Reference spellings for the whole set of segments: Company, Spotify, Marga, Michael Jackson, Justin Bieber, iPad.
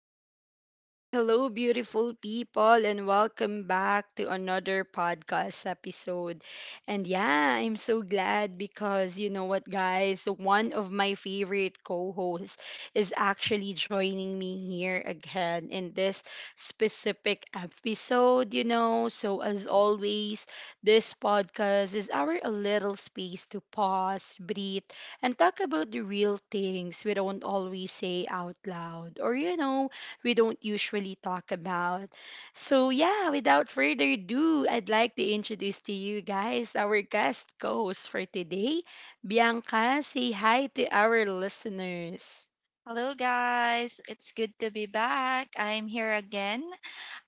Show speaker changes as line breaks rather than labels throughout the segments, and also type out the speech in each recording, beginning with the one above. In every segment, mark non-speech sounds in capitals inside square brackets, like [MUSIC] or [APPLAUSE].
right. Hello, beautiful people, and welcome back to another podcast episode. And yeah, I'm so glad because you know what, guys? One of my favorite co hosts is actually joining me here again in this specific episode, you know. So, as always, this podcast is our little space to pause, breathe, and talk about the real things we don't always say out loud or, you know, we don't usually talk about. So, yeah, without further ado, I'd like to introduce to you guys our guest host for today, Bianca. Say hi to our listeners.
Hello guys, it's good to be back. I'm here again.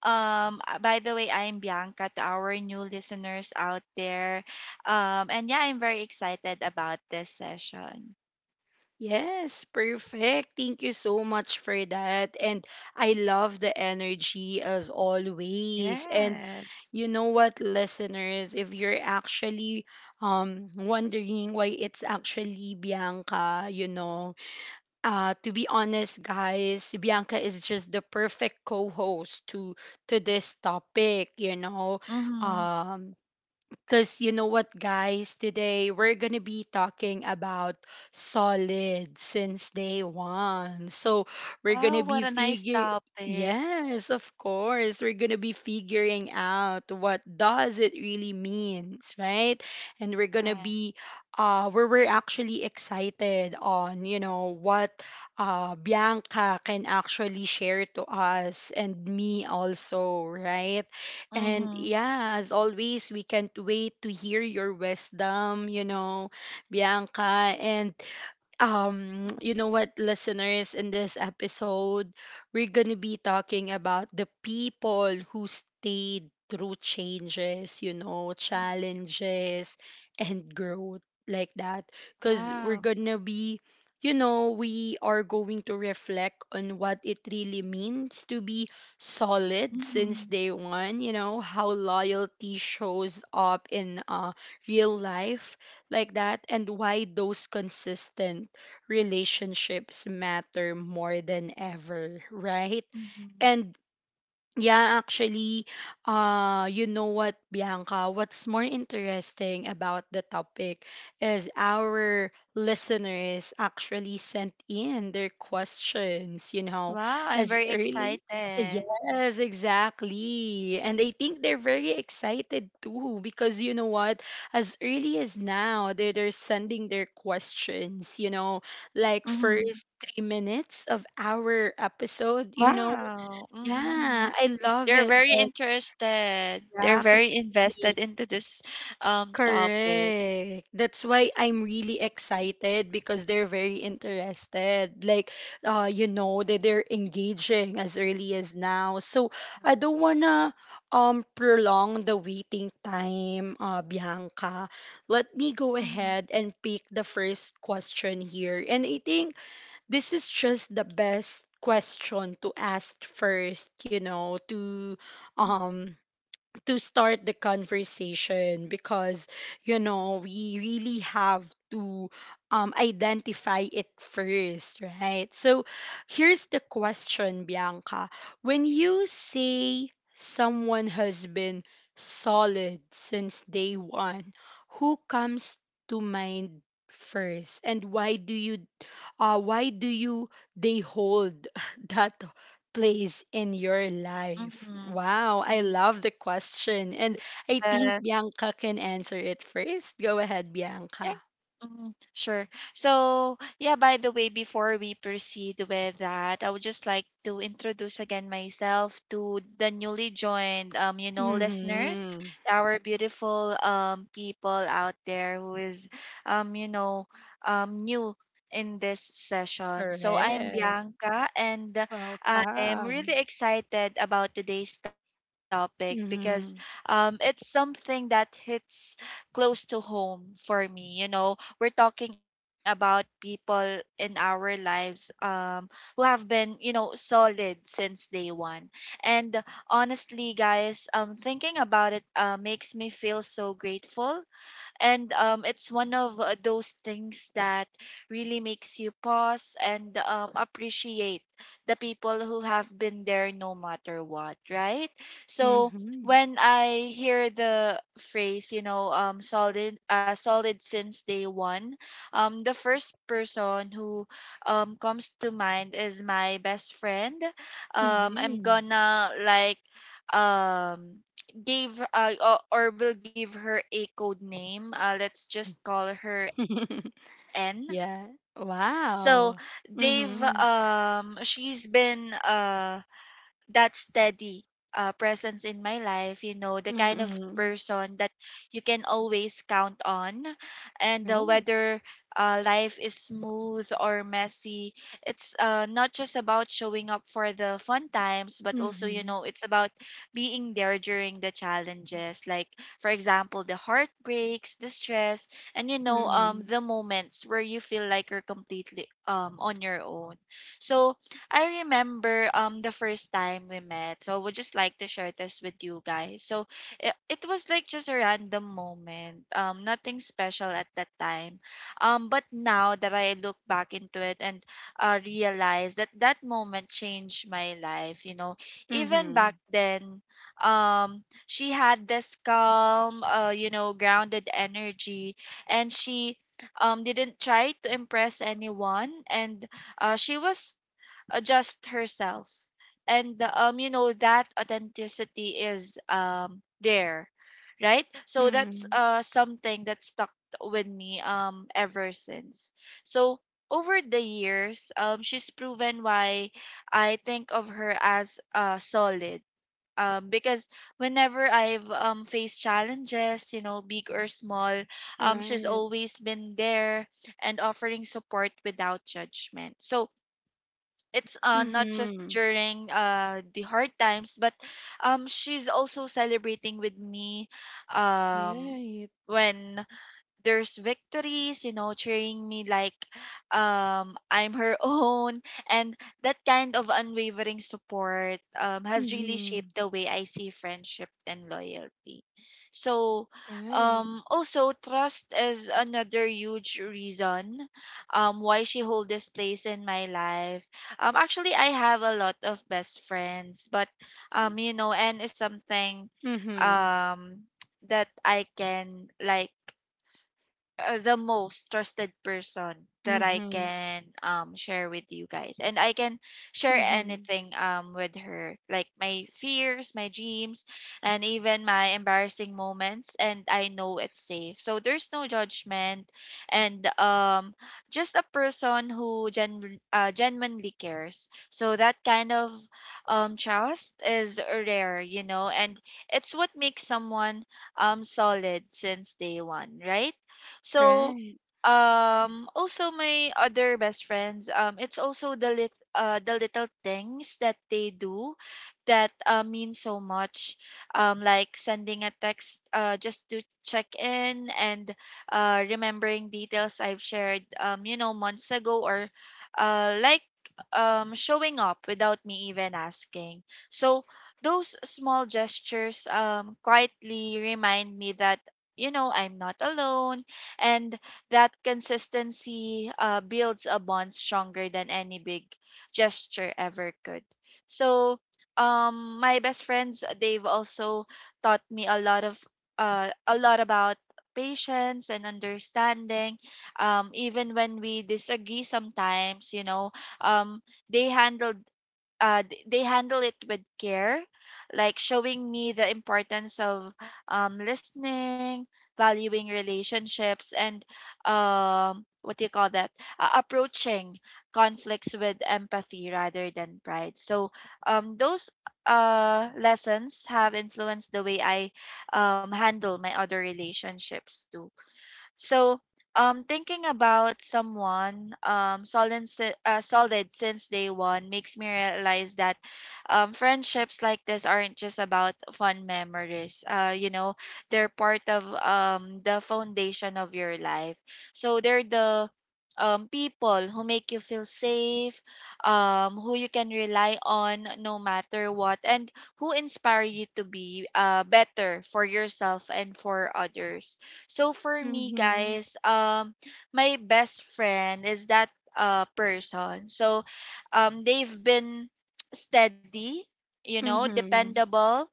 By the way, I'm Bianca to our new listeners out there. And yeah, I'm very excited about this session.
Yes, perfect. Thank you so much for that. And I love the energy as always. And
Yes.
you know what, listeners, if you're actually wondering why it's actually Bianca, you know, to be honest, guys, Bianca is just the perfect co-host to this topic, you know.
Mhm.
Um because you know what, guys? Today we're going to be talking about solid since day one. So we're going
Wow,
to be
what a nice
figure.
topic.
Yes, of course. We're going to be figuring out what does it really means, right? And we're going to
Right.
be where we're actually excited on, you know, what Bianca can actually share to us and me also, right? And
Mhm.
yeah, as always, we can't wait to hear your wisdom, you know, Bianca. And you know what, listeners, in this episode we're gonna be talking about the people who stayed through changes, you know,
Mhm.
challenges and growth like that, because we're
Wow.
gonna be, you know, we are going to reflect on what it really means to be solid since
Mhm.
day one, you know, how loyalty shows up in real life like that, and why those consistent relationships matter more than ever, right?
Mhm.
And yeah, actually, you know what, Bianca? What's more interesting about the topic is our listeners actually sent in their questions, you know,
Wow, I'm
as
very
early.
excited.
Yes, exactly. And I think they're very excited too because you know what? As early as now, they're sending their questions, you know, like
Mhm.
first 3 minutes of our episode, you know,
Wow.
yeah,
Mhm.
I love
They're
it.
very interested. They're
Exactly.
very invested into this topic.
Correct. That's why I'm really excited because they're very interested. Like, you know, that they're engaging as early as now. So I don't wanna prolong the waiting time, Bianca. Let me go
Mm-hmm.
ahead and pick the first question here. And I think this is just the best question to ask first, you know, um to start the conversation because you know we really have to identify it first, right? So here's the question, Bianca. When you say someone has been solid since day one, who comes to mind first, and why do you uh, why do you they hold [LAUGHS] that place in your life? Wow, I love the question, and I think
Mm-hmm.
Bianca can answer it first. Go ahead,
Yeah.
Bianca.
Sure. So, yeah, by the way, before we proceed with that, I would just like to introduce again myself to the newly joined, listeners,
Mm-hmm.
our beautiful people out there who is, um, you know, new in this session. So I'm
Correct.
Bianca, and I am really
Welcome.
excited about today's topic because
Mm-hmm.
it's something that hits close to home for me. You know, we're talking about people in our lives who have been, you know, solid since day one. And honestly, guys, thinking about it makes me feel so grateful and it's one of those things that really makes you pause and appreciate the people who have been there no matter what. Right. So
Mm-hmm.
when I hear the phrase, you know, solid since day one, the first person who comes to mind is my best friend. Um I'm
Mm-hmm.
gonna like um gave o- or will give her a code name. Let's just call her N.
[LAUGHS] Yeah.
So they've
Wow. Mm-hmm.
she's been that steady presence in my life, you know, the kind of
Mm-hmm.
person that you can always count on. And
Right.
whether life is smooth or messy, it's not just about showing up for the fun times, but also, you
Mm-hmm.
know, it's about being there during the challenges. Like, for example, the heartbreaks, the stress, and, you know,
Mm-hmm.
the moments where you feel like you're completely on your own. So, I remember the first time we met. So I would just like to share this with you guys. So it was like just a random moment. Nothing special at that time. But now that I look back into it and realize that that moment changed my life, you know. Even
Mm-hmm.
back then, she had this calm, you know, grounded energy, and she didn't try to impress anyone, and she was just herself, and you know, that authenticity is there, right? So that's
Mm-hmm.
something that stuck with me ever since. So over the years, she's proven why I think of her as solid, because whenever I've faced challenges, you know, big or small, she's
Right.
always been there and offering support without judgment. So it's not just
Mm-hmm.
during the hard times, but she's also celebrating with me um
Right.
when there's victories, you know, cheering me like I'm her [LAUGHS] own. And that kind of unwavering support has really
Mm-hmm.
shaped the way I see friendship and loyalty. So
Right.
also trust is another huge reason why she hold this place in my life. Actually, I have a lot of best friends, but you know, and is something
Mm-hmm.
um that I can like the most trusted person that I
Mm-hmm.
can share with you guys, and I can share
Mm-hmm.
anything with her, like my fears, my dreams, and even my embarrassing moments, and I know it's safe, so there's no judgment. And just a person who genuinely cares. So that kind of trust is rare, you know, and it's what makes someone solid since day one, right? So
Right.
also my other best friends, it's also the lit the little things that they do that mean so much, like sending a text just to check in, and remembering details I've shared you know, months ago, or uh like showing up without me even asking. So those small gestures quietly remind me that, you know, I'm not alone, and that consistency builds a bond stronger than any big gesture ever could. So my best friends, they've also taught me a lot about patience and understanding, even when we disagree sometimes, you know, um they they handle it with care, like showing me the importance of listening, valuing relationships, and what do you call that? Approaching conflicts with empathy rather than pride. So those lessons have influenced the way I handle my other relationships too. So, thinking about someone solid since day one makes me realize that friendships like this aren't just about fun memories. You know, they're part of the foundation of your life. So they're the people who make you feel safe, who you can rely on no matter what, and who inspire you to be better for yourself and for others. So for me,
Mm-hmm.
guys, my best friend is that person. So, they've been [TSK] steady, you know,
Mm-hmm.
dependable,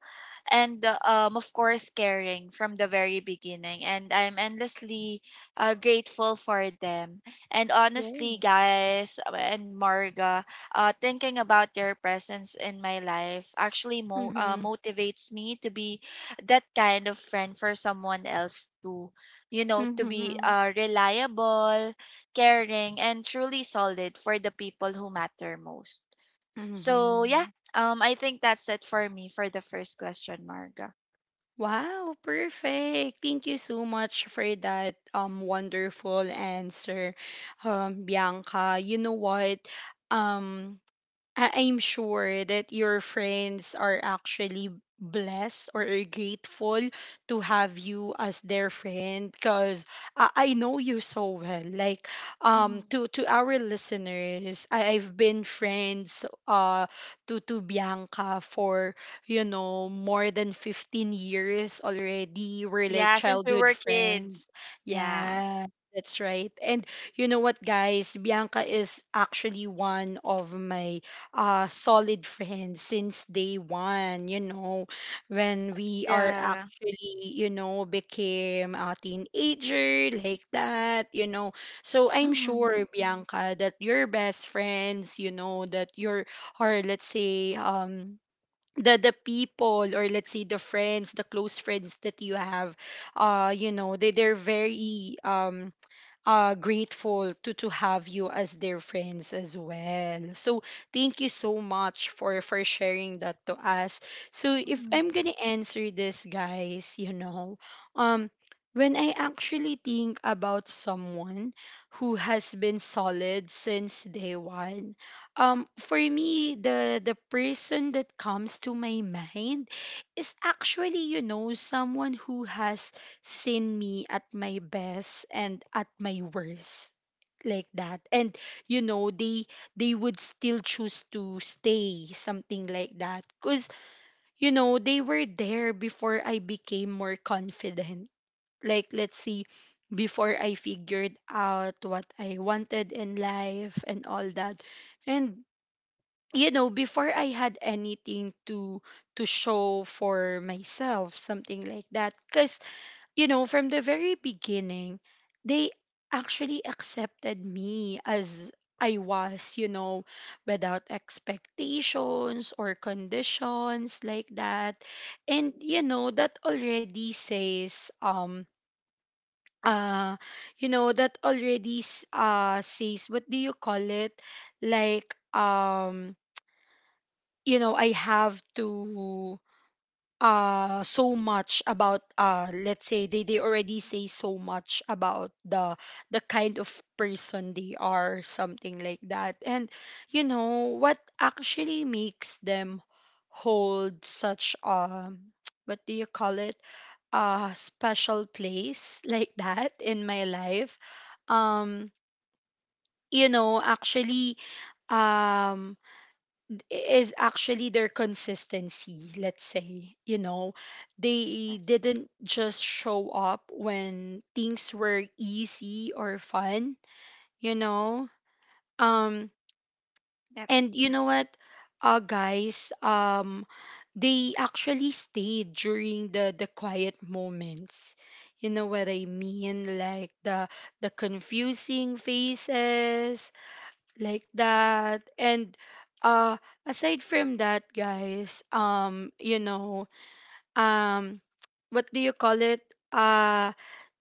and of course caring from the very beginning, and I'm endlessly grateful for them. And honestly,
Yes.
guys, and Marga, thinking about their presence in my life actually
Mm-hmm.
motivates me to be that kind of friend for someone else too, you know, to be
Mm-hmm.
reliable, caring, and truly solid for the people who matter most. So yeah,
Mm-hmm.
I think that's it for me for the first question, Marga.
Wow, perfect. Thank you so much for that wonderful answer, Bianca. You know what? Um, I'm sure that your friends are actually blessed or are grateful to have you as their friend because I know you so well. Like
Mhm.
to our listeners, I've been friends to Bianca for, you know, more than 15 years already. We're like
Yeah, since we
childhood
were
friends.
kids. Yeah.
Yeah. That's right. And you know what, guys? Bianca is actually one of my solid friends since day one, you know, when we are
Yeah.
actually, you know, became a teenager like that, you know, so I'm sure,
Mhm.
Bianca, that your best friends, you know, that your, or let's say the people, or let's say the friends, the close friends that you have, you know, they they're very grateful to have you as their friends as well. So thank you so much for sharing that to us. So if
Mhm.
I'm gonna answer this, guys, you know, um, when I actually think about someone who has been solid since day one, for me the person that comes to my mind is actually, you know, someone who has seen me at my best and at my worst like that, and you know they would still choose to stay something like that, cuz you know they were there before I became more confident, like, let's see, before I figured out what I wanted in life and all that, and you know, before I had anything to show for myself, something like that, cuz you know, from the very beginning, they actually accepted me as I was, you know, without expectations or conditions like that. And you know, that already says uh you know, that already says, what do you call it? Like you know, I have to so much about, uh, let's say they already say so much about the kind of person they are, something like that. And you know what actually makes them hold such [TSK] what do you call it, a special place [LAUGHS] like that in my life, um you know, actually, um is actually their consistency, let's say. You know, they
Yes.
didn't just show up when things were easy or fun, you know? Um
Yep.
and you know what? Guys, they actually stayed during the quiet moments. You know what I mean? Like the confusing faces, like that. And uh aside from that, guys, you know, um what do you call it, uh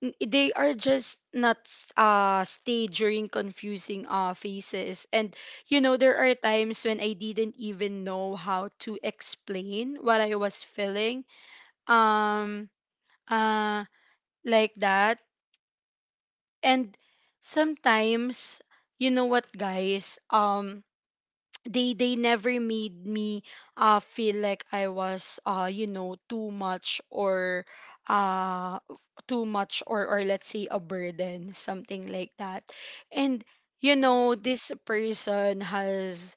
they are just not stay during confusing phases. And you know there are times when I didn't even know how to explain what I was feeling, um uh like that. And sometimes, you know what, guys, they never made me feel like I was, you know, too much, or uh or let's say a burden, something like that. And you know this person has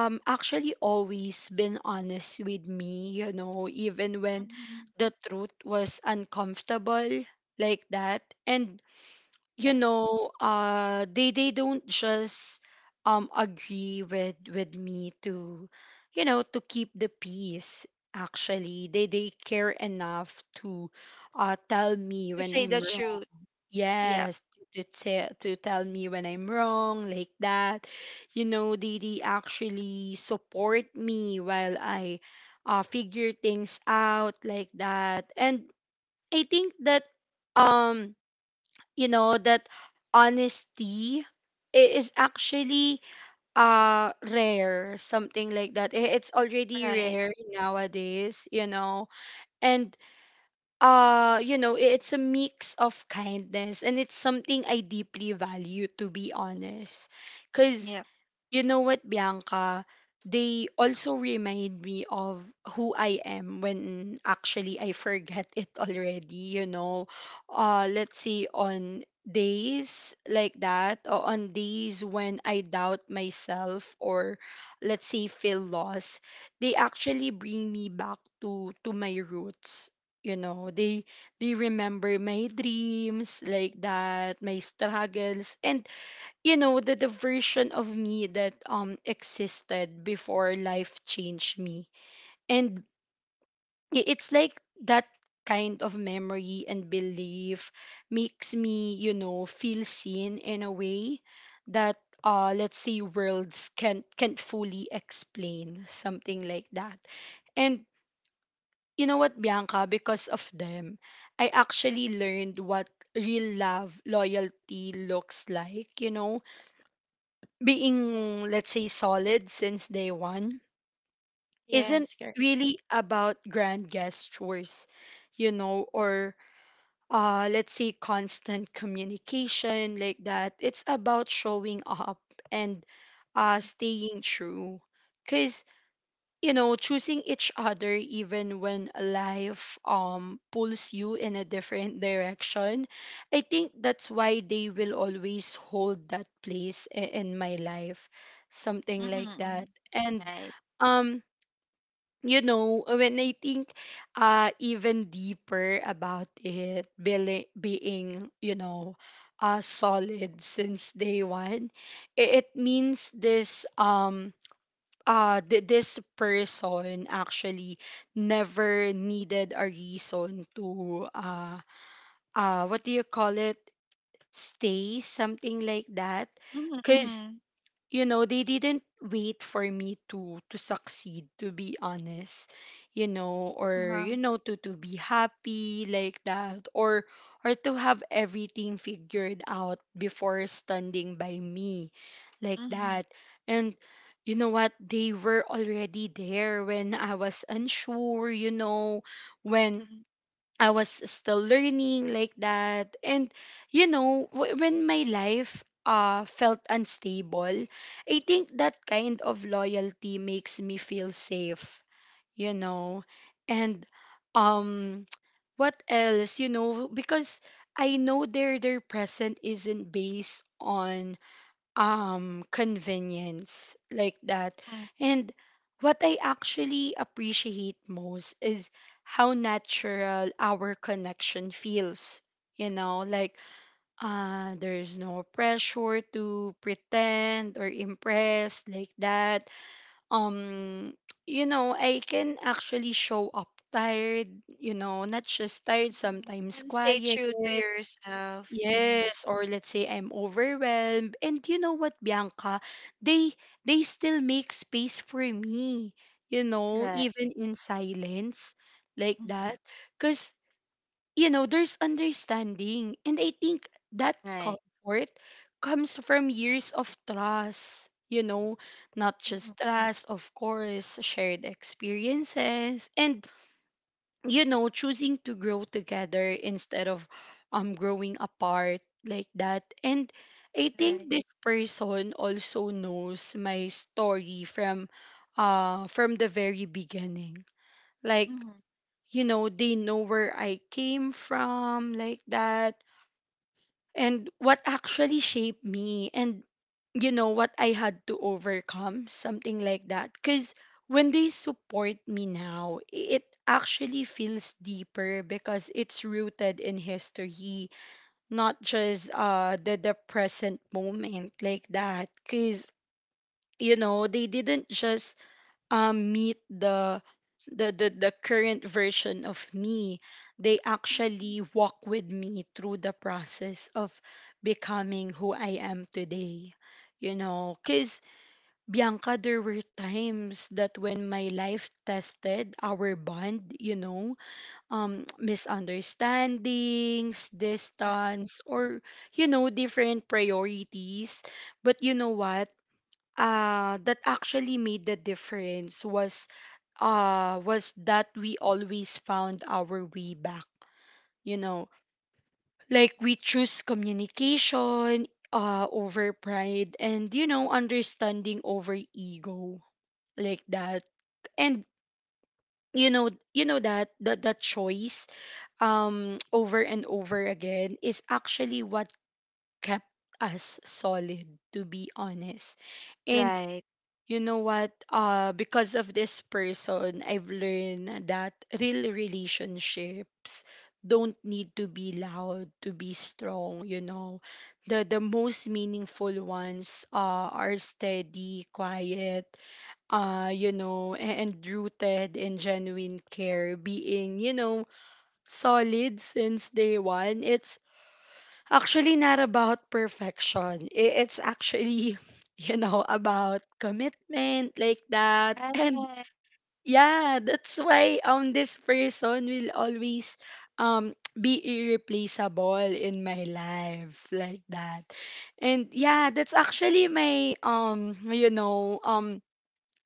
actually always been honest with me, you know, even when
Mhm.
the truth was uncomfortable like that. And
Yeah.
you know, they don't just agree with me to, you know, to keep the peace. Actually, they care enough to tell me
To
when
say the
I'm wrong.
truth. Yeah.
Yes. To tell me when I'm wrong like that. You know, they actually support me while I figure things out like that. And I think that um you know that honesty is actually rare, something like that. It's already
Right.
rare nowadays, you know. And you know, it's a mix of kindness and it's something I deeply value to be honest. Cuz
Yep.
you know what, Bianca? They also remind me of who I am when actually I forget it [LAUGHS] already, you know. Let's see, on days like that, or on days when I doubt myself or let's say feel lost, they actually bring me back to my roots. You know, they remember my dreams like that, my struggles, and you know the version of me that existed before life changed me. And it's like that kind of memory and belief makes me, you know, feel seen in a way that, let's say, worlds can't fully explain, something like that. And you know what, Bianca, because of them I actually learned what real love loyalty looks like, you know. Being, let's say, solid since day one isn't
Yes, correct.
really about grand gestures, you know, or, let's say, constant communication like that. It's about showing up and, staying true. Cause, you know, choosing each other even when life pulls you in a different direction, I think that's why they will always hold that place in my life, something like
Mm-hmm.
that. And
Right.
um you know, when I think even deeper about it, being, being, you know, solid since day one, it means this, this person actually never needed a reason to what do you call it, stay, something like that. Cuz
Mm-hmm.
you know they didn't wait for me to succeed, to be honest, you know, or,
Uh-huh.
you know, to be happy like that, or to have everything figured out before standing by me like
Mm-hmm.
that. And you know what, they were already there when I was unsure, you know, when
Mm-hmm.
I was still learning like that. And, you know, when my life, felt unstable, I think that kind of loyalty makes me feel safe, you know. And um, [TSK] what else? Because I know their present isn't based on convenience, like that. And what I actually appreciate most is how natural our connection feels. you know like there's no pressure to pretend or impress, like that. Um you know i can actually show up tired, not just tired, sometimes
Mm-hmm. And stay
quiet.
true to yourself. Mm-hmm.
Yes, or let's say I'm overwhelmed. And you know what, Bianca? They they still make space for me,
Right.
even in silence, like
Mm-hmm.
that. Because, there's understanding. And I think that
Right.
comfort comes from years of trust, not
Mm-hmm.
just trust, of course, shared experiences. And choosing to grow together instead of growing apart, like that. And I think
Right.
this person also knows my story from the very beginning, like,
Mm-hmm.
they know where I came from, like that. And what actually shaped me, and you know what I had to overcome, something like that. Because when they support me now, it actually feels deeper because it's rooted in history, not just the present moment, like that. Because they didn't just meet the current version of me. They actually walk with me through the process of becoming who I am today, because, Bianca, there were times that when my life tested our bond, misunderstandings,
Right.
distance, or different priorities. But you know what, that actually made the difference was that we always found our way back. You know, like we choose communication, over pride, and, understanding over ego, like that. And that choice over and over again is actually what kept us solid, to be honest. And
Right.
you know what, because of this person I've learned that real relationships don't need to be loud to be strong, the most meaningful ones, are steady, quiet, and rooted in genuine care, being, solid since day one. It's Actually, not about perfection. It's actually, [LAUGHS] about commitment, like that. [LAUGHS] And
Alright.
yeah, that's why this person will always be irreplaceable in my life, like that. And yeah, that's actually my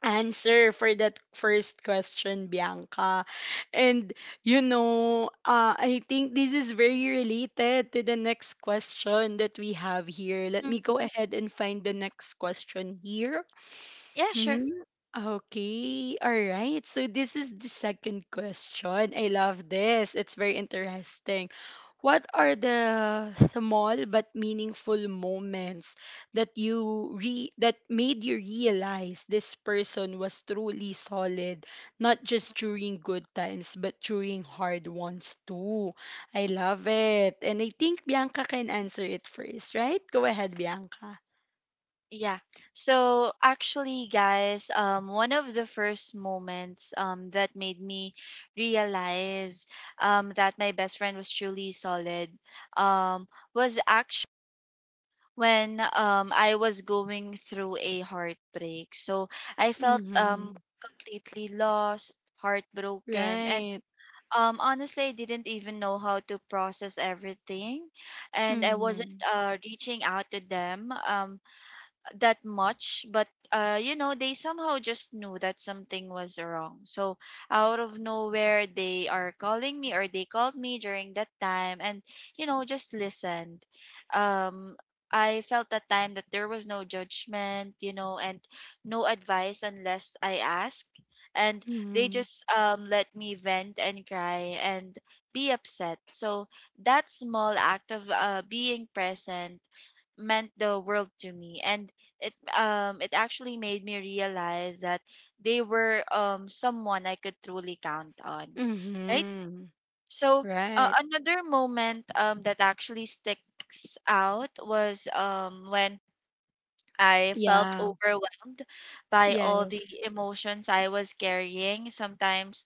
answer for that first question, Bianca. And I think this is very related to the next question that we have here. Let
Mm,
me go ahead and find the next question here.
Yeah,
Mhm.
sure.
Okay, all right. So this is the second question. I love this. It's very interesting. What are the small but meaningful moments that made you realize this person was truly solid, not just during good times, but during hard ones too? I love it. And I think Bianca can answer it first, right? Go ahead, Bianca.
Yeah. So actually, guys, one of the first moments that made me realize that my best friend was truly solid um was actually when I was going through a heartbreak. So I felt
Mm-hmm.
completely lost, heartbroken, and
Right.
Honestly, I didn't even know how to process everything, and I wasn't
Mm-hmm.
reaching out to them. That much. But you know, they somehow just knew that something was wrong. So out of nowhere, they are calling me, or they called me during that time, and you know, just listened. um I felt that time that there was no judgment, you know, and no advice unless I asked. And they
Mhm.
just let me vent and cry and be upset. So that small act of being present meant the world to me, and it actually made me realize that they were someone I could truly count on, right?
Mhm.
So
Right.
another moment that actually sticks out was when I felt
Yeah.
overwhelmed by all
Yes.
the emotions I was carrying. Sometimes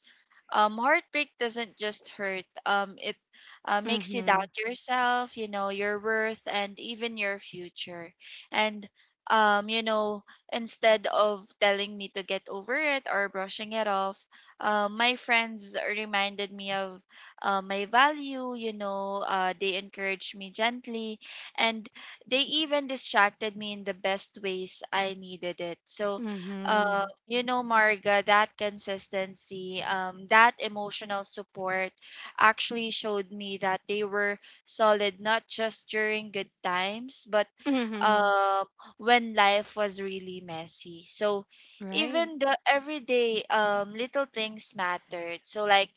heartbreak doesn't just hurt, it makes you
Mhm.
doubt yourself, you know, your worth, and even your future. And, you know, instead of telling me to get over it or brushing it off, my friends reminded me of my value, you know, they encouraged me gently. And they even distracted me in the best ways I needed it. So,
Mhm.
you know, Marga, that consistency, that emotional support actually showed me that they were solid not just during good times, but
Mhm.
um, when life was really messy. So,
Right.
even the everyday little things mattered. So,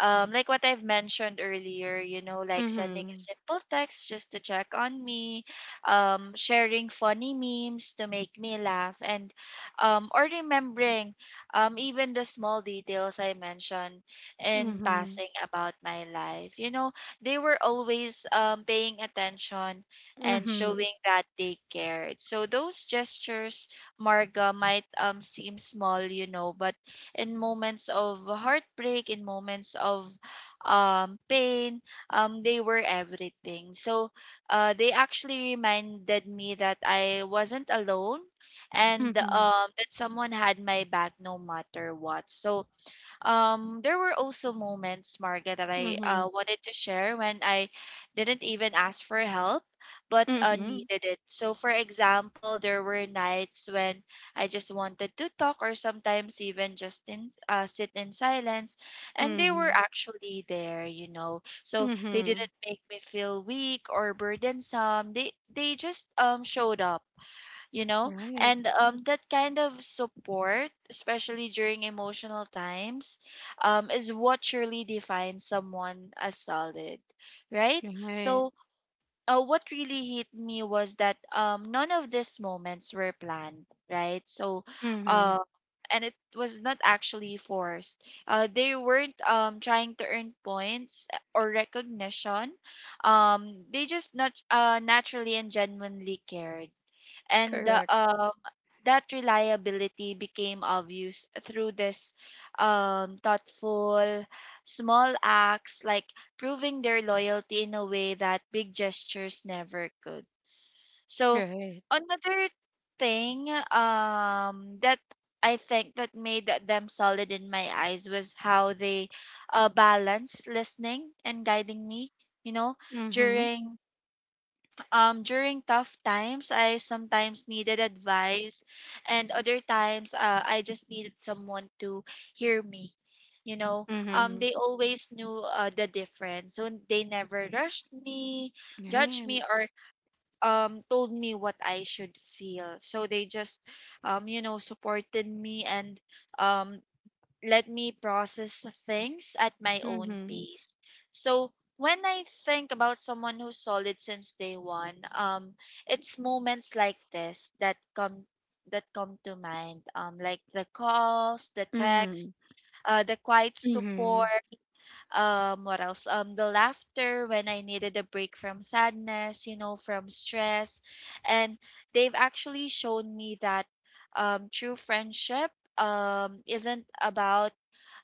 like what I've mentioned earlier, you know, like sending a
Mhm.
simple text just to check on me, sharing funny memes to make me laugh, and or remembering even the small details I mentioned in
Mhm.
passing about my life. You know, they were always paying attention and
Mhm.
showing that they cared. So those gestures, Marga, might seem small, you know, but in moments of heartbreak, in moments of pain, they were everything. So they actually reminded me that I wasn't alone, and
Mhm.
that someone had my back no matter what. So there were also moments, Marga, that I
Mhm.
wanted to share when I didn't even ask for help, but
Mhm.
needed it. So, for example, there were nights when I just wanted to talk, or sometimes even just sit in silence, and they were
Mhm.
actually there, you know. So they didn't
Mhm.
make me feel weak or burdensome. They just showed up, you know.
Right.
And that kind of support, especially during emotional times, is what surely defines someone as solid, right?
Right.
So what really hit me was that none of these moments were planned, right? So uh
Mhm.
and it was not actually forced. They weren't trying to earn points or recognition. They just naturally and genuinely cared, and
Correct.
that reliability became obvious through this thoughtful small acts, like proving their loyalty in a way that big gestures never could. So
Right.
another thing that I think that made them solid in my eyes was how they balance listening and guiding me you know
Mhm.
during during tough times. I sometimes needed advice, and other times, I just needed someone to hear me.
Mhm.
They always knew the difference, so they never rushed me, judged me,
Right.
or told me what I should feel. So they just, supported me and um, let me process things at my own
Mhm.
pace. So when I think about someone who's solid since day one, it's moments like this that come to mind. Like the calls, the text,
Mhm.
the quiet support.
Mhm.
What else? The laughter when I needed a break from sadness, you know, from stress. And they've actually shown me that true friendship isn't about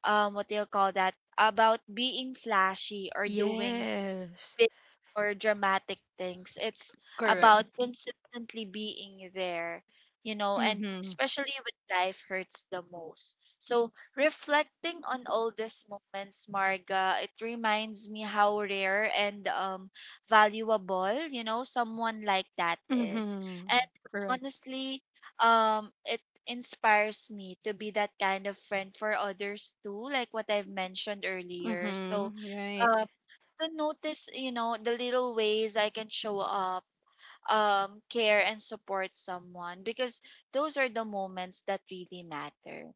what do you call that, about being flashy or doing
Yes.
big or dramatic things. It's
Correct.
about consistently being there, you know, and
Mhm.
especially when life hurts the most. So, reflecting on all these moments, Marga, it reminds me how rare and valuable, you know, someone like that is.
Mhm.
And
Correct.
honestly, it inspires me to be that kind of friend for others too, like what I've mentioned earlier. So,
Mm-hmm. Right.
um, to notice, you know, the little ways I can show up, care and support someone, because those are the moments that really matter,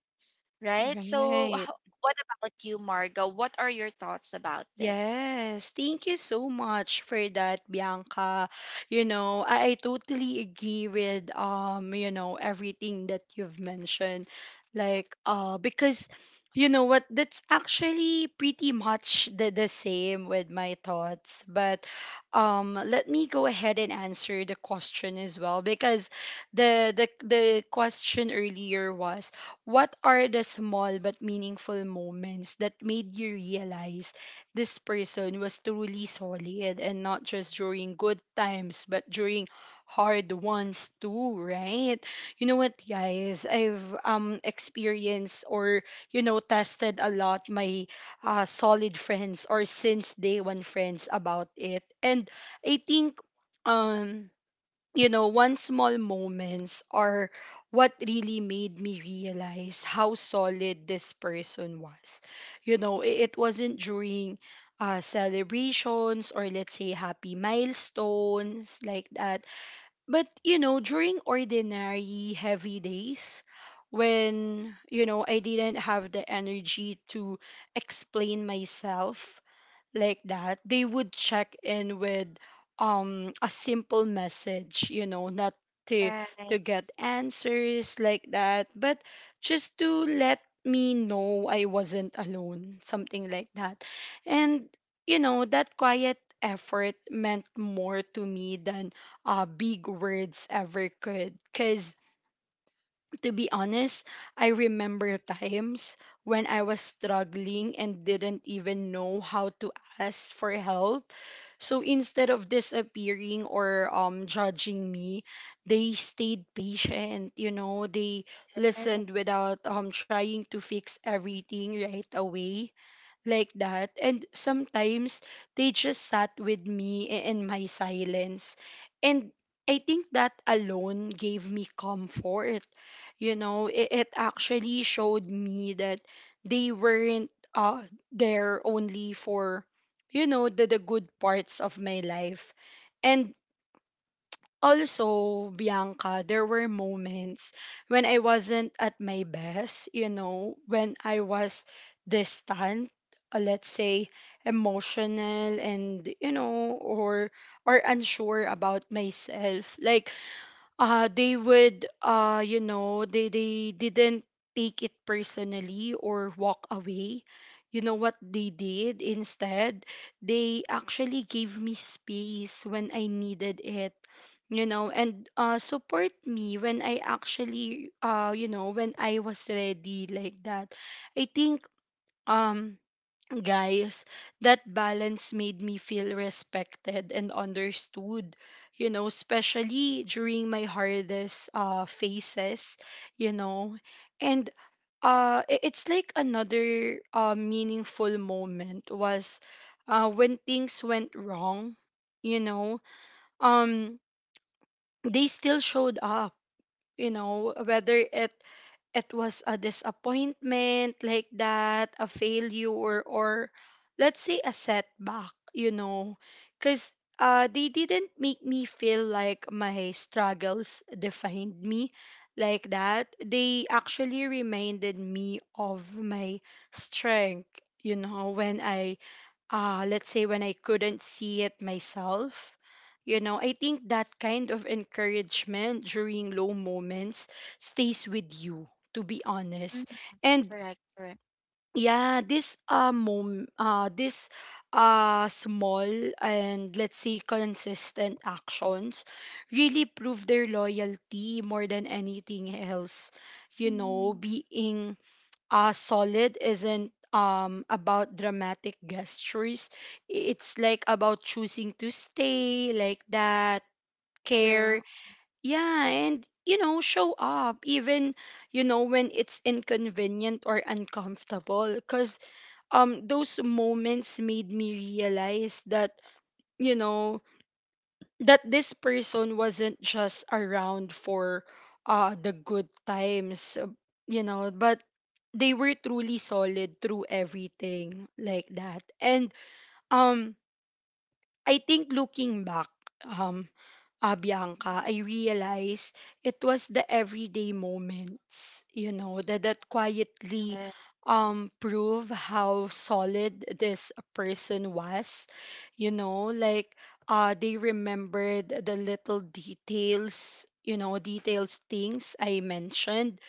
right?
Right.
What about you, Marga? What are your thoughts about this?
Yes, thank you so much for that, Bianca. I totally agree with everything that you've mentioned. Like, because you know what, that's actually pretty much the same with my thoughts. But let me go ahead and answer the question as well, because the question earlier was, what are the small but meaningful moments that made you realize this person was truly solid and not just during good times, but during hard ones too, right? You know what, guys? I've experienced or tested a lot my solid friends, or since day one friends, about it. And I think um one small moments are what really made me realize how solid this person was. It wasn't during celebrations or, let's say, happy milestones, like that, but, during ordinary heavy days when, I didn't have the energy to explain myself, like that. They would check in with a simple message, not to to
Right.
get answers, like that, but just to let me know I wasn't alone, something like that. And, that quiet effort meant more to me than big words ever could, cuz, to be honest, I remember times when I was struggling and didn't even know how to ask for help. So instead of disappearing or judging me, they stayed patient. They
Right.
listened without trying to fix everything right away, like that. And sometimes they just sat with me in my silence. And I think that alone gave me comfort. You know, it actually showed me that they weren't, there only for, the good parts of my life. And also, Bianca, there were moments when I wasn't at my best, when I was distant, let's say, emotional, and or unsure about myself. Like they would you know they didn't take it personally or walk away. You know what they did instead, they actually gave me space when I needed it, you know and support me when I actually you know when I was ready, like that. I think, um guys, that balance made me feel respected and understood. Especially during my hardest phases, you know. And it's like another meaningful moment was when things went wrong, you know. Um they still showed up, whether it was a disappointment, like that, a failure, or, let's say, a setback, because, they didn't make me feel like my struggles defined me, like that. They actually reminded me of my strength, when I let's say when I couldn't see it myself. I think that kind of encouragement during low moments stays with you, to be honest.
Mhm.
And
Correct. Correct.
yeah, this small, and let's say consistent, actions really prove their loyalty more than anything else.
Mm.
Being, solid isn't, about dramatic gestures. It's like about choosing to stay, like that, care.
True.
Yeah, and, show up even when it's inconvenient or uncomfortable, because those moments made me realize that you know that this person wasn't just around for the good times, but they were truly solid through everything, like that. And um I think, looking back, um, Bianca, I realized it was the everyday moments, that quietly,
Right.
prove how solid this person was, like, they remembered the little details, details, things I mentioned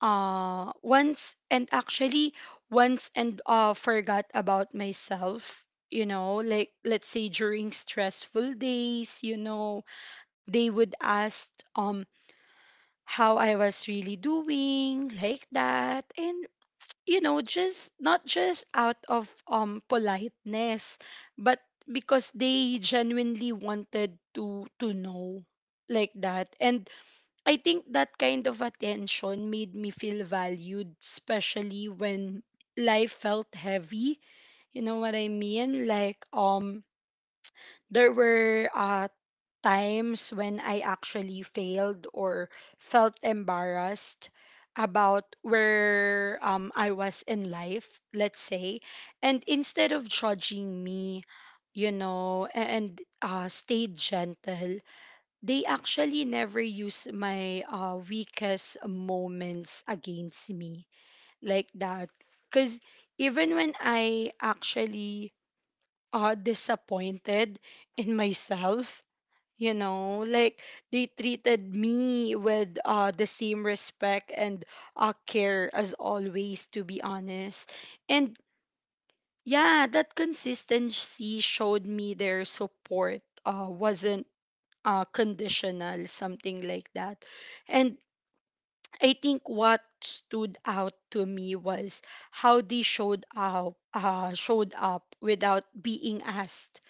once and actually once and forgot about myself. Like, let's say, during stressful days, they would ask, um how I was really doing, like that. And just not just out of politeness, but because they genuinely wanted to know, like that. And I think that kind of attention made me feel valued, especially when life felt heavy. You know what I mean? Like, there were, times when I actually failed or felt embarrassed about where, I was in life, let's say. And instead of judging me, and stayed gentle, they actually never use my weakest moments against me, like that. Because even when I actually, disappointed in myself, like, they treated me with, the same respect and, care as always, to be honest. And yeah, that consistency showed me their support, wasn't, conditional, something like that. And I think what stood out to me was how they showed up without being asked.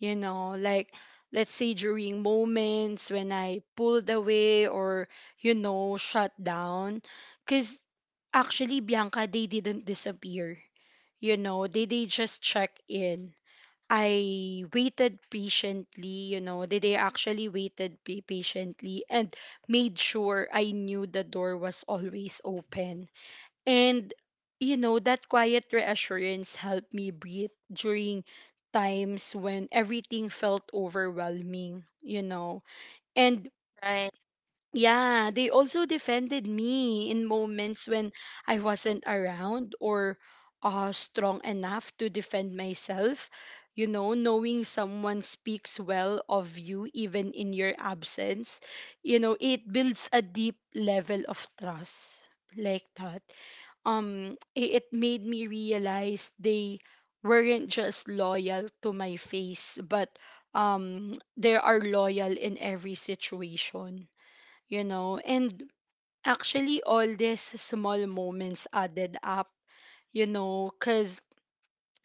Like, let's say, during moments when I pulled away or shut down, because actually, Bianca, they didn't disappear. You know, they just check in. I waited patiently, you know, they actually waited patiently and made sure I knew the door was always open. And, that quiet reassurance helped me breathe during times when everything felt overwhelming. And
Right.
yeah, they also defended me in moments when I wasn't around or, strong enough to defend myself. Knowing someone speaks well of you even in your absence, it builds a deep level of trust, like that. It made me realize they weren't just loyal to my face, but, they are loyal in every situation. And actually, all these small moments added up, because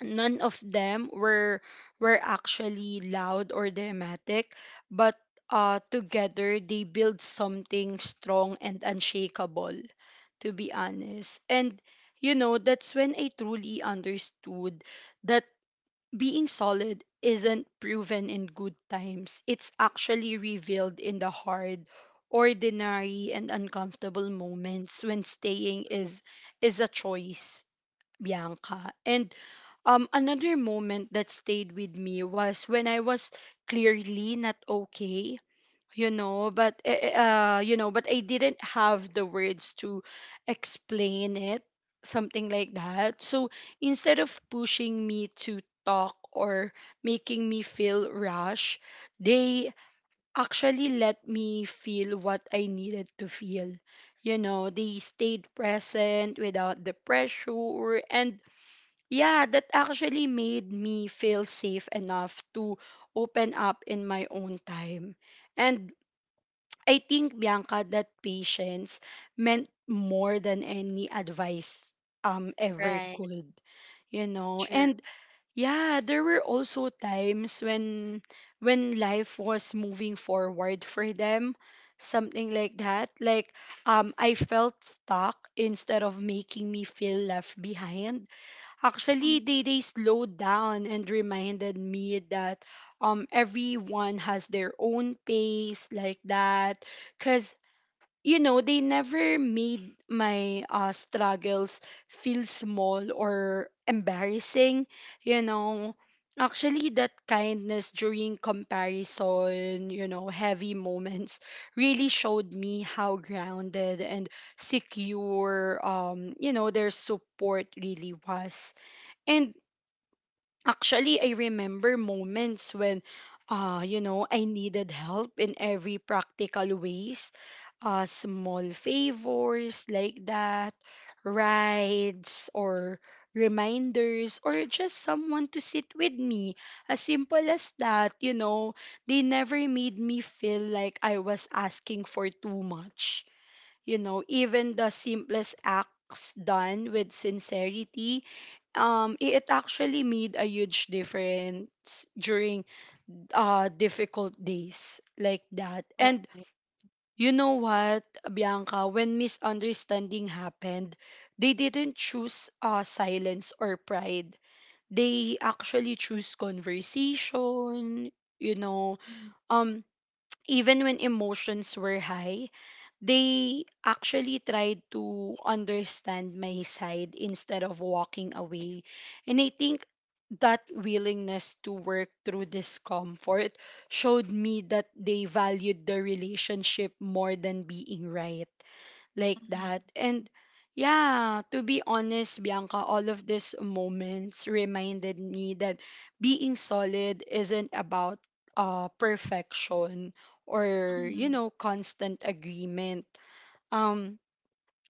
none of them were actually loud or dramatic, but, together they build something strong and unshakable. To be honest. And that's when I truly understood that being solid isn't proven in good times. It's actually revealed in the hard, ordinary, and uncomfortable moments when staying is a choice, Bianca. And another moment that stayed with me was when I was clearly not okay you know but eh, eh, you know but I didn't have the words to explain it, something like that. So instead of pushing me to talk or making me feel rush, they actually let me feel what I needed to feel. You know, they stayed present without the pressure, and yeah, that actually made me feel safe enough to open up in my own time. And I think, Bianca, that patience meant more than any advice ever
Right.
could, you know.
True.
And yeah, there were also times when life was moving forward for them, something like that. Like, I felt stuck instead of making me feel left behind. Actually,
Mm.
they slowed down and reminded me that everyone has their own pace, like that. Cause you know, they never made my struggles feel small or embarrassing. You know, actually, that kindness during comparison, you know, heavy moments really showed me how grounded and secure, you know, their support really was. And actually, I remember moments when, you know, I needed help in every practical ways. Small favors like that, rides or reminders, or just someone to sit with me. As simple as that, you know, they never made me feel like I was asking for too much. You know, even the simplest acts done with sincerity, it actually made a huge difference during difficult days like that. And
Right.
you know what, Bianca, when misunderstanding happened, they didn't choose silence or pride. They actually choose conversation, you know.
Mm.
um Even when emotions were high, they actually tried to understand my side instead of walking away. And I think that willingness to work through discomfort showed me that they valued the relationship more than being right, like
Mhm.
that. And yeah, to be honest, Bianca, all of these moments reminded me that being solid isn't about perfection or, you
Mhm.
know, constant agreement. Um,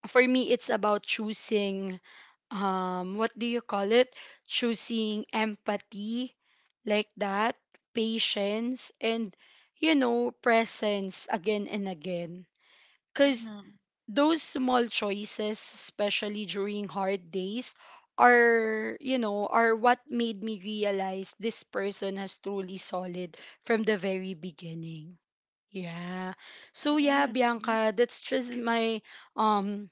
for me, it's about choosing, what do you call it? Choosing empathy, like that, patience, and, you know, presence again and again. Cause
Mhm.
those small choices, especially during hard days, are, you know, are what made me realize this person has truly solid from the very beginning. Yeah. So yeah,
Yes.
Bianca, that's just my um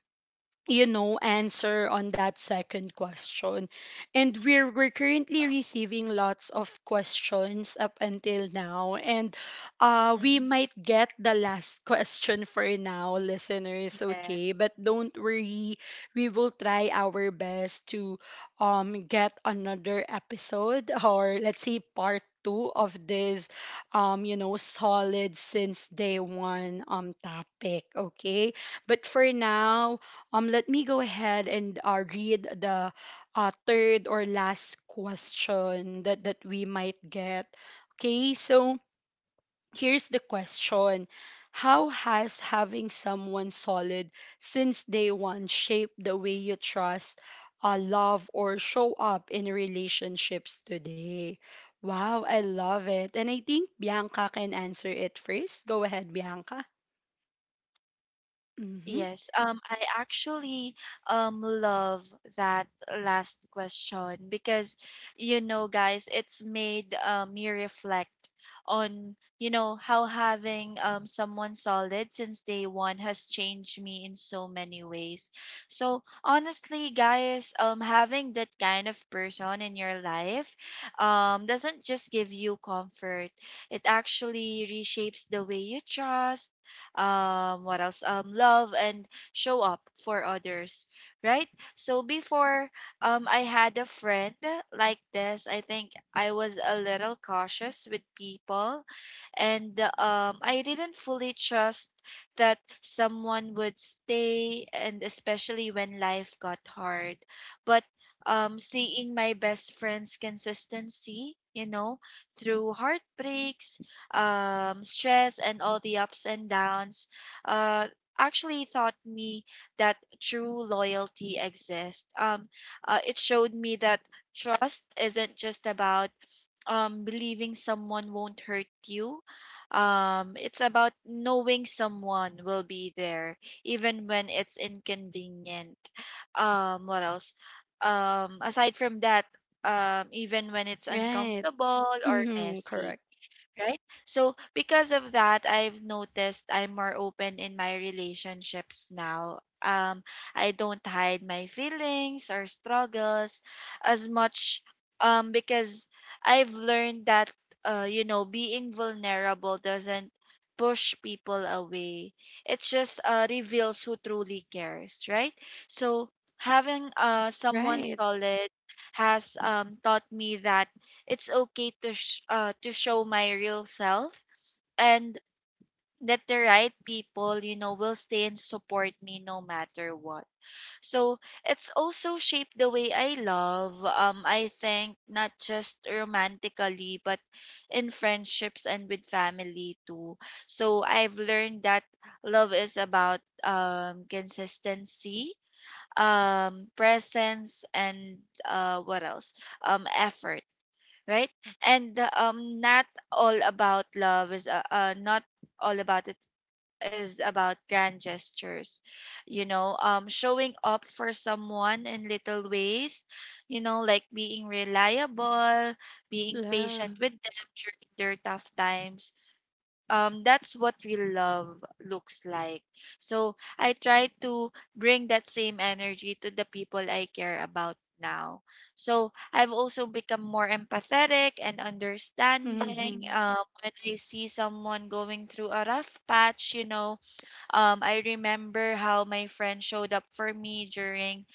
you know, answer on that second question. And we're currently receiving lots of questions up until now. And we
Mhm.
might get the last [LAUGHS] question for now, listeners, okay?
Yes.
But don't worry, we will try our best to get another episode [LAUGHS] or let's say part two of this you know, solid since day one topic, okay? But for now, let me go ahead and read the third or last question that we might get. Okay, so here's the question. How has having someone solid since day one shaped the way you trust, love, or show up in relationships today? Wow, I love it. And I think Bianca can answer it first. Go ahead, Bianca. Mm-hmm.
Yes, I actually love that last question because, you know, guys, it's made me reflect on, you know, how having someone solid since day one has changed me in so many ways. So honestly, guys, having that kind of person in your life doesn't just give you comfort. It actually reshapes the way you trust, what else love, and show up for others, right? So before I had a friend like this, I think I was a little cautious with people, and I didn't fully trust that someone would stay, and especially when life got hard. But seeing my best friend's consistency, you know, through heartbreaks, stress, and all the ups and downs, uh, actually taught me that true loyalty exists. It showed me that trust isn't just about believing someone won't hurt you. It's about knowing someone will be there even when it's inconvenient. What else? Aside from that, even when it's
Right.
uncomfortable or
Mm-hmm.
messy,
Correct.
right? So because of that, I've noticed I'm more open in my relationships now. I don't hide my feelings or struggles as much, because I've learned that you know, being vulnerable doesn't push people away. It just reveals who truly cares, right? So having someone
Right.
solid has taught me that it's okay to to show my real self, and that the right people, you know, will stay and support me no matter what. So it's also shaped the way I love. I think, not just romantically, but in friendships and with family too. So I've learned that love is about consistency, presence, and what else? Effort, right? And not all about love is not all about it is about grand gestures, you know. Um, showing up for someone in little ways, you know, like being reliable, being
Yeah.
patient with them during their tough times, that's what real love looks like. So I try to bring that same energy to the people I care about now. So I've also become more empathetic and understanding.
Mhm.
When I see someone going through a rough patch, you know, I remember how my friend showed up for me during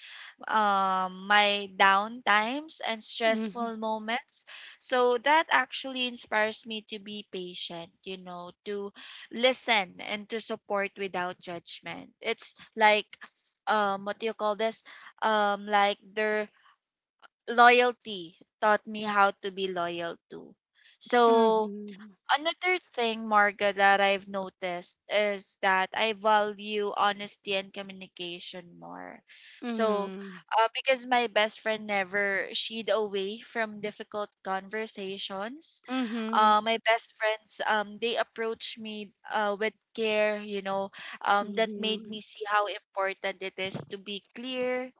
my down times and
Mhm.
stressful moments. So that actually inspires me to be patient, you know, to listen and to support without judgment. It's like, what do you call this? Like, their loyalty taught me how to be loyal too. So
Mhm.
another thing, Marga, that I've noticed is that I value honesty and communication more. So,
Mhm.
because my best friend never shied away from difficult conversations,
Mhm.
my best friends, they approach me with care, you know, that made
Mhm.
me see how important it is to be clear,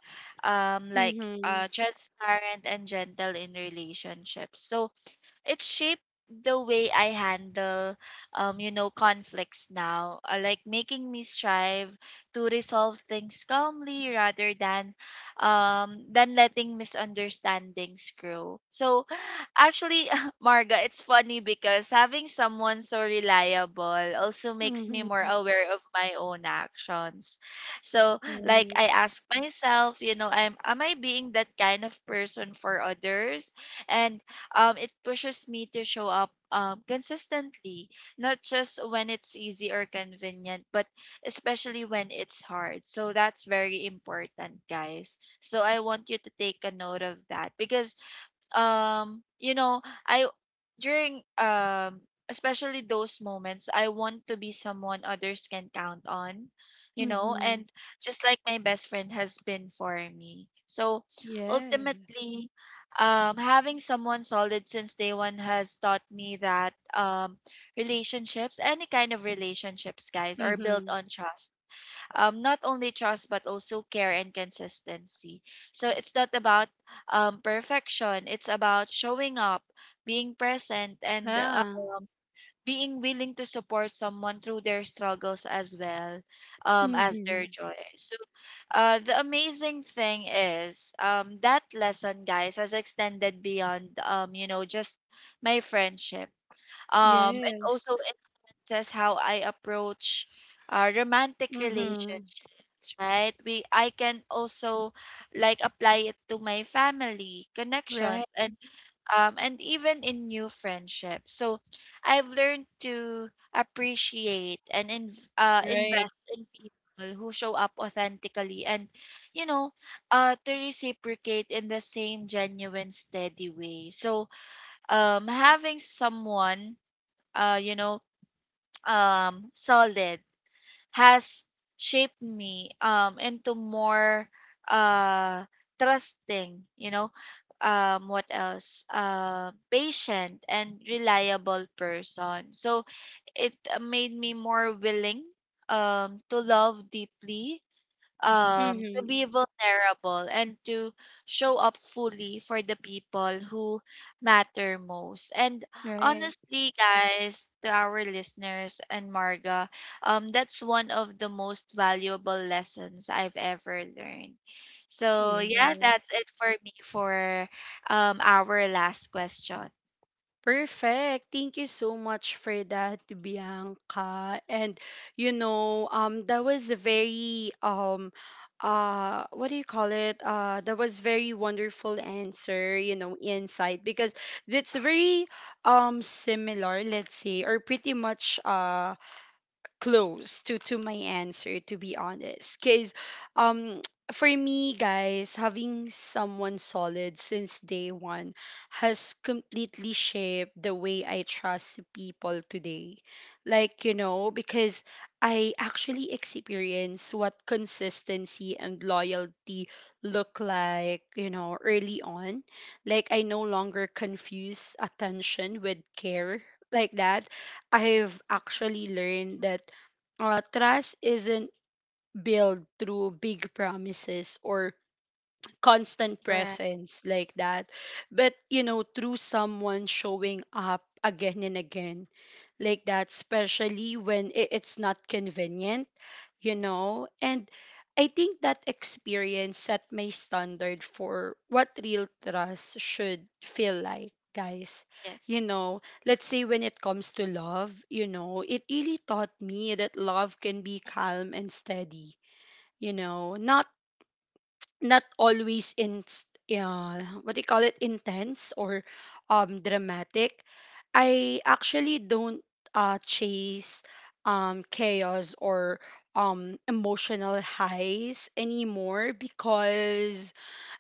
um, like
Mhm.
transparent, and gentle in relationships. So it shaped the way I handle, you know, conflicts now, like making me strive to resolve things calmly rather than letting misunderstandings grow. So actually, [LAUGHS] Marga, it's funny because having someone so reliable also makes me
Mhm.
more aware of my own actions. So, like,
Right.
I ask myself, you know, I'm am I being that kind of person for others? And it pushes me to show up consistently, not just when it's easy or convenient, but especially when it's hard. So that's very important, guys. So I want you to take a note of that, because you know, I, during especially those moments, I want to be someone others can count on, you know,
Mhm.
and just like my best friend has been for me. So
Yes.
ultimately, having someone solid since day one has taught me that relationships, any kind of relationships, guys, are built
Mhm.
on trust, not only trust, but also care and consistency. So it's not about perfection. It's about showing up, being present, and
Yeah.
being willing to support someone through their struggles as well as their
Mhm.
joy. So the amazing thing is, that lesson, guys, has extended beyond, you know, just my friendship. It
Yes.
also influences how I approach romantic
Mhm.
relationships, right? We I can also like apply it to my family
Right.
connections, and even in new friendships. So I've learned to appreciate and
Right.
invest in people who show up authentically, and you know, to reciprocate in the same genuine, steady way. So having someone, uh, you know, solid, has shaped me into more uh, trusting, you know, what else? Patient, and reliable person. So it made me more willing to love deeply, to
Mhm.
be vulnerable, and to show up fully for the people who matter most. And
Right.
honestly, guys, to our listeners and Marga, that's one of the most valuable lessons I've ever learned. So yeah, that's
Yes.
it for me for our last question.
Perfect. Thank you so much for that, Bianca. And you know, that was a very what do you call it? That was very wonderful answer, you know, insight, because that's very similar, let's say, or pretty much close to my answer, to be honest, because um [TSK] for me, guys, having someone solid since day one has completely shaped the way I trust people today, like, you know, because I actually experience what consistency and loyalty look like, you know, early on. Like, I no longer confuse attention with care, like that. I've actually learned that trust isn't built through big promises or constant
Correct.
presence like that, but you know, through someone showing up again and again, like that, especially when it's not convenient, you know. And I think that experience set my standard for what real trust should feel like, guys.
Yes.
You know, let's say when it comes to love, you know, it really taught me that love can be calm and steady, you know, not not always in, what do you call it, intense or dramatic. I actually don't chase chaos or emotional highs anymore, because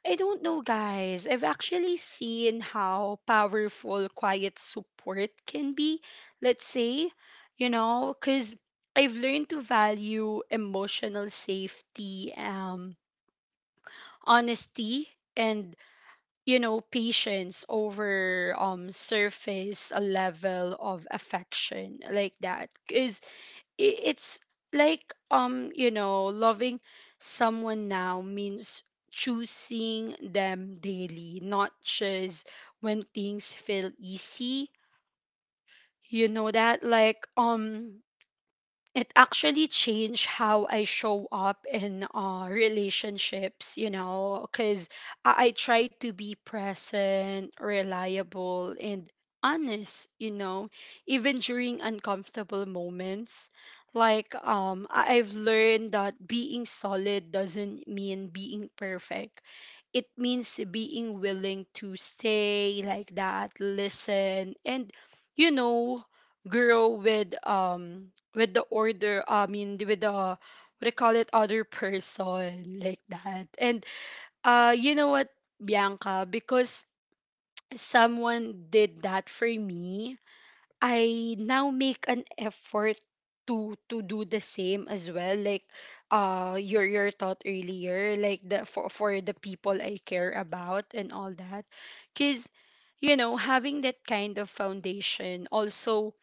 I don't know, guys, I've actually seen how powerful quiet support can be, let's say. You know, cuz I've learned to value emotional safety, honesty, and, you know, patience over surface a level of affection, like that, because it's like, you know, loving someone now means choosing them daily, not just when things feel easy, you know, that like, it actually changed how I show up in relationships, you know, because I try to be present, reliable, and honest, you know, even during uncomfortable moments. Like, I've learned that being solid doesn't mean being perfect. It means being willing to stay like that, listen, and, you know, grow with the order, I mean, with the what do you call it, other person, like that. And you know what, Bianca, because someone did that for me, I now make an effort to do the same as well, like, your thought earlier, like the for the people I care about and all that, because you know, having that kind of foundation also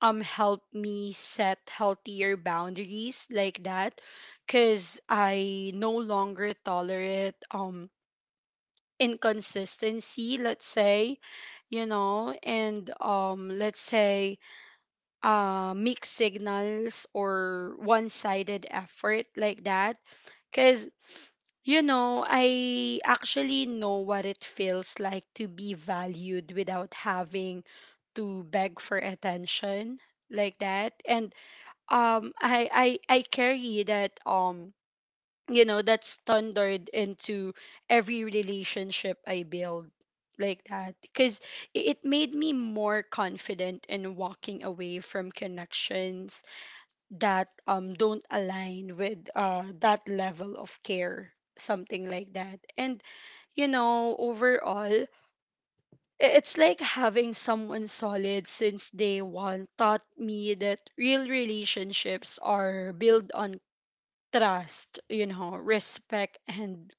help me set healthier boundaries, like that, cuz I no longer tolerate inconsistency, let's say, you know, and um, let's say mixed signals or one-sided effort, like that. Because, you know, I actually know what it feels like to be valued without having to beg for attention, like that. And um, I, I carry that you know, that standard into every relationship I build, like that, because it made me more confident in walking away from connections that don't align with that level of care, something like that. And you know, overall, it's like having someone solid since day one taught me that real relationships are built on trust, you know, respect and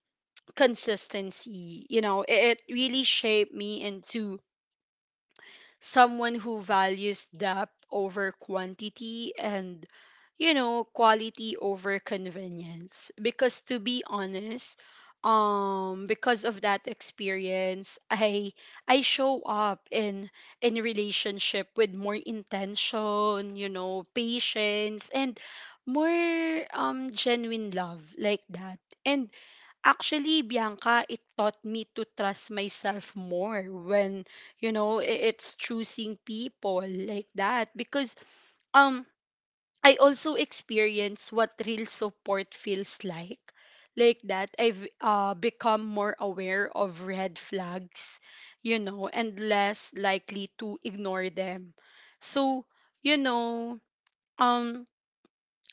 consistency. You know, it really shaped me into someone who values depth over quantity and, you know, quality over convenience. Because to be honest, because of that experience, I show up in relationship with more intention, you know, patience, and more genuine love, like that. And actually, Bianca, it taught me to trust myself more when, you know, it's choosing people, like that. Because um I also experience what real support feels like. Like that, I've become more aware of red flags, you know, and less likely to ignore them. So, you know, um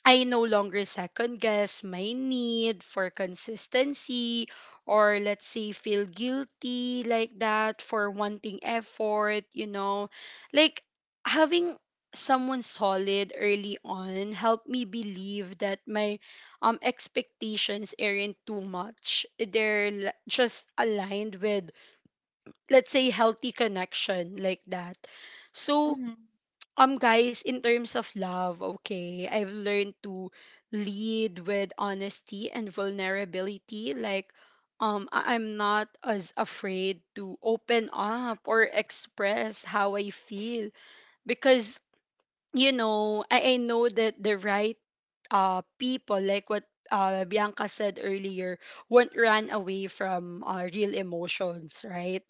I no longer second guess my need for consistency or, let's say, feel guilty like that for wanting effort, you know. Like having someone solid early on helped me believe that my expectations aren't too much. Just aligned with, let's say, healthy connection like that. So
Hmm.
guys, in terms of love, okay, I've learned to lead with honesty and vulnerability, like, I'm not as afraid to open up or express how I feel, because you know, I know that the right people, like what Bianca said earlier, won't run away from real emotions, right?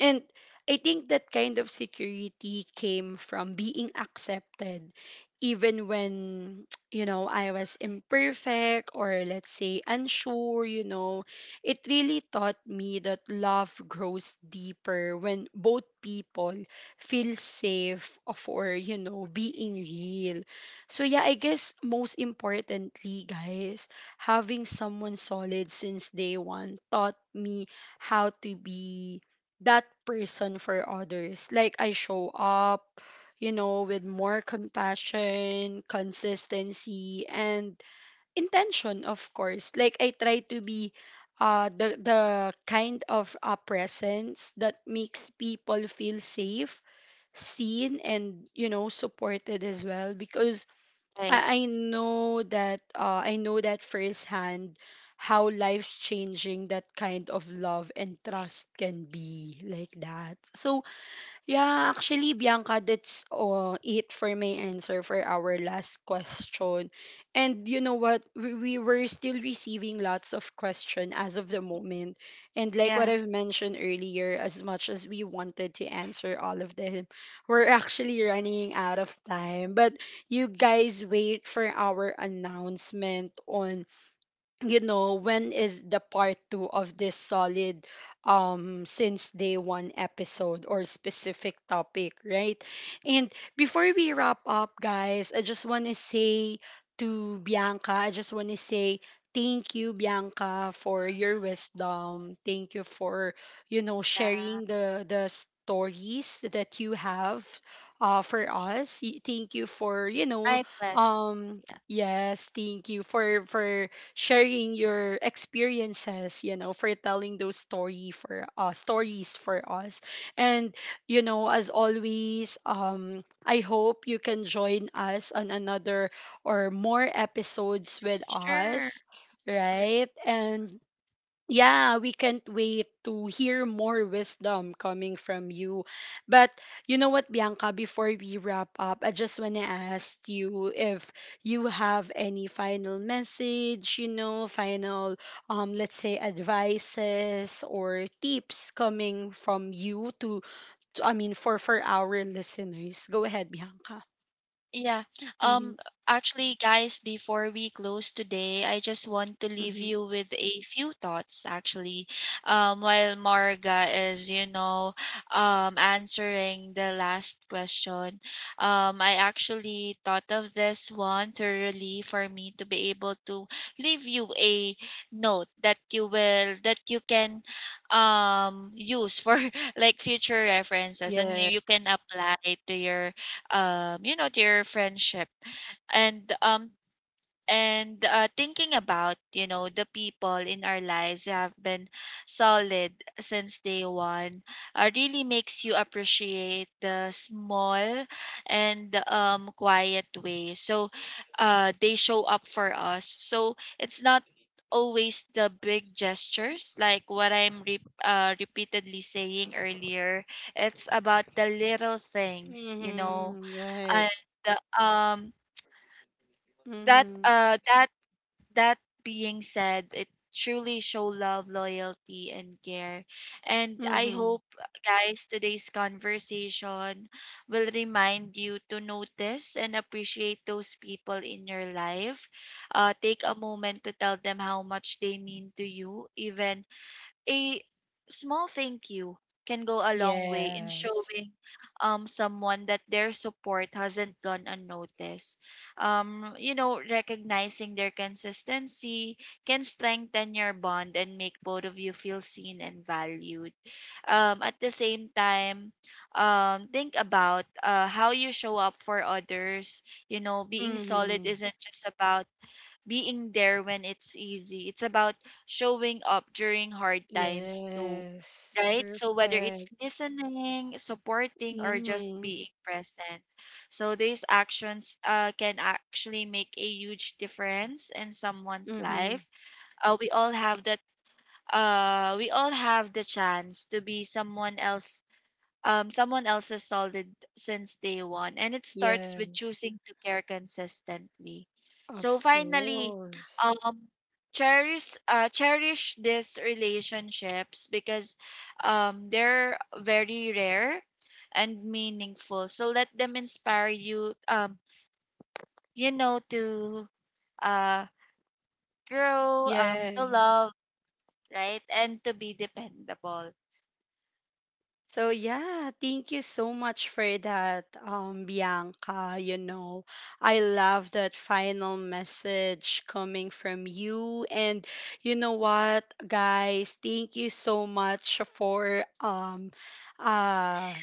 And I think that kind of security came from being accepted, even when [TSK] you know, I was imperfect or, let's say, unsure. You know, it really taught me that love grows deeper when both people feel safe of, or you know, being real. So yeah, I guess most importantly, guys, having someone solid since day one taught me how to be that person for others. Like I show up, you know, with more compassion, consistency, and intention, of course. Like I try to be the kind of presence that makes people feel safe, seen, and you know, supported as well, because
Right.
I know that I know that firsthand how life changing that kind of love and trust can be, like that. So yeah, actually, Bianca, that's it for my answer for our last question. And you know what? We were still receiving lots of questions as of the moment. And like what
Yeah.
I've mentioned earlier, as much as we wanted to answer all of them, we're actually running out of time. But you guys wait for our announcement on you know, when is the part two of this solid since day one episode or specific topic, right? And before we wrap up, guys, I just want to say to Bianca, I just want to say thank you, Bianca, for your wisdom, thank you for you know,
Yeah.
sharing the stories that you have for us. Thank you for you know,
My pleasure. Yeah.
yes, thank you for sharing your experiences, you know, for telling those story for stories for us. And you know, as always, I hope you can join us on another or more episodes with
Sure.
us, right? And yeah, we can't wait to hear more wisdom coming from you. But you know what, Bianca, before we wrap up, I just want to ask you if you have any final message, you know, final, let's say, advices or tips coming from you to I mean, for our listeners. Go ahead, Bianca.
Yeah.
Mm-hmm.
Um Actually, guys, before we close today, I just want to leave
Mm-hmm.
you with a few thoughts actually. While Marga is, you know, answering the last question, I actually thought of this one thoroughly for me to be able to leave you a note that you will that you can use for [LAUGHS] like future references, and
Yeah.
you can apply to your, you know, their friendship. And thinking about, you know, the people in our lives who have been solid since day one really makes you appreciate the small and quiet way so they show up for us. So it's not always the big gestures, like what I'm repeatedly saying earlier. It's about the little things, you know.
Mm-hmm. Right.
And uh, um that
Mm-hmm.
uh that that being said, it truly show love, loyalty, and care. And I
Mm-hmm.
hope, guys, today's conversation will remind you to notice and appreciate those people in your life. Uh, take a moment to tell them how much they mean to you. Even a small thank you can go a long way in
Yes.
showing someone that their support hasn't gone unnoticed. You know, recognizing their consistency can strengthen your bond and make both of you feel seen and valued. At the same time, think about, how you show up for others. You know, being solid
Mm-hmm.
isn't just about being there when it's easy. It's about showing up during hard times too,
Yes.
right? So whether it's
Perfect.
listening, supporting, or just
Mm-hmm.
being present, so these actions can actually make a huge difference in someone's
Mm-hmm.
life. Uh, we all have that we all have the chance to be someone else, someone else's solid since day one. And it starts with
Yes.
choosing to care consistently. So
Of
finally,
course.
um, cherish these relationships, because they're very rare and meaningful. So let them inspire you, you know, to uh, grow, to
Yes.
love, right, and to be dependable.
So yeah, thank you so much for that, Bianca. You know, I love that final message coming from you. And you know what, guys, thank you so much for uh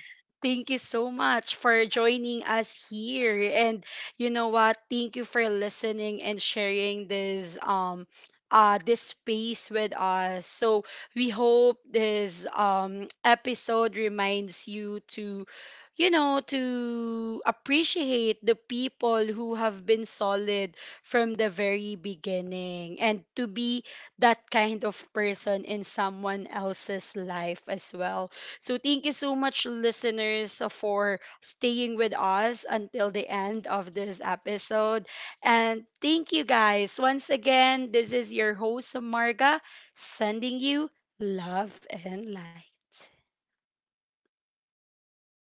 thank you so much for joining us here. And you know what, thank you for listening and sharing this this space with us. So we hope this episode reminds you to, you know, to appreciate the people who have been solid from the very beginning and to be that kind of person in someone else's life as well. So thank you so much, listeners, for staying with us until the end of this episode. And thank you, guys. Once again, this is your host, Marga, sending you love and light.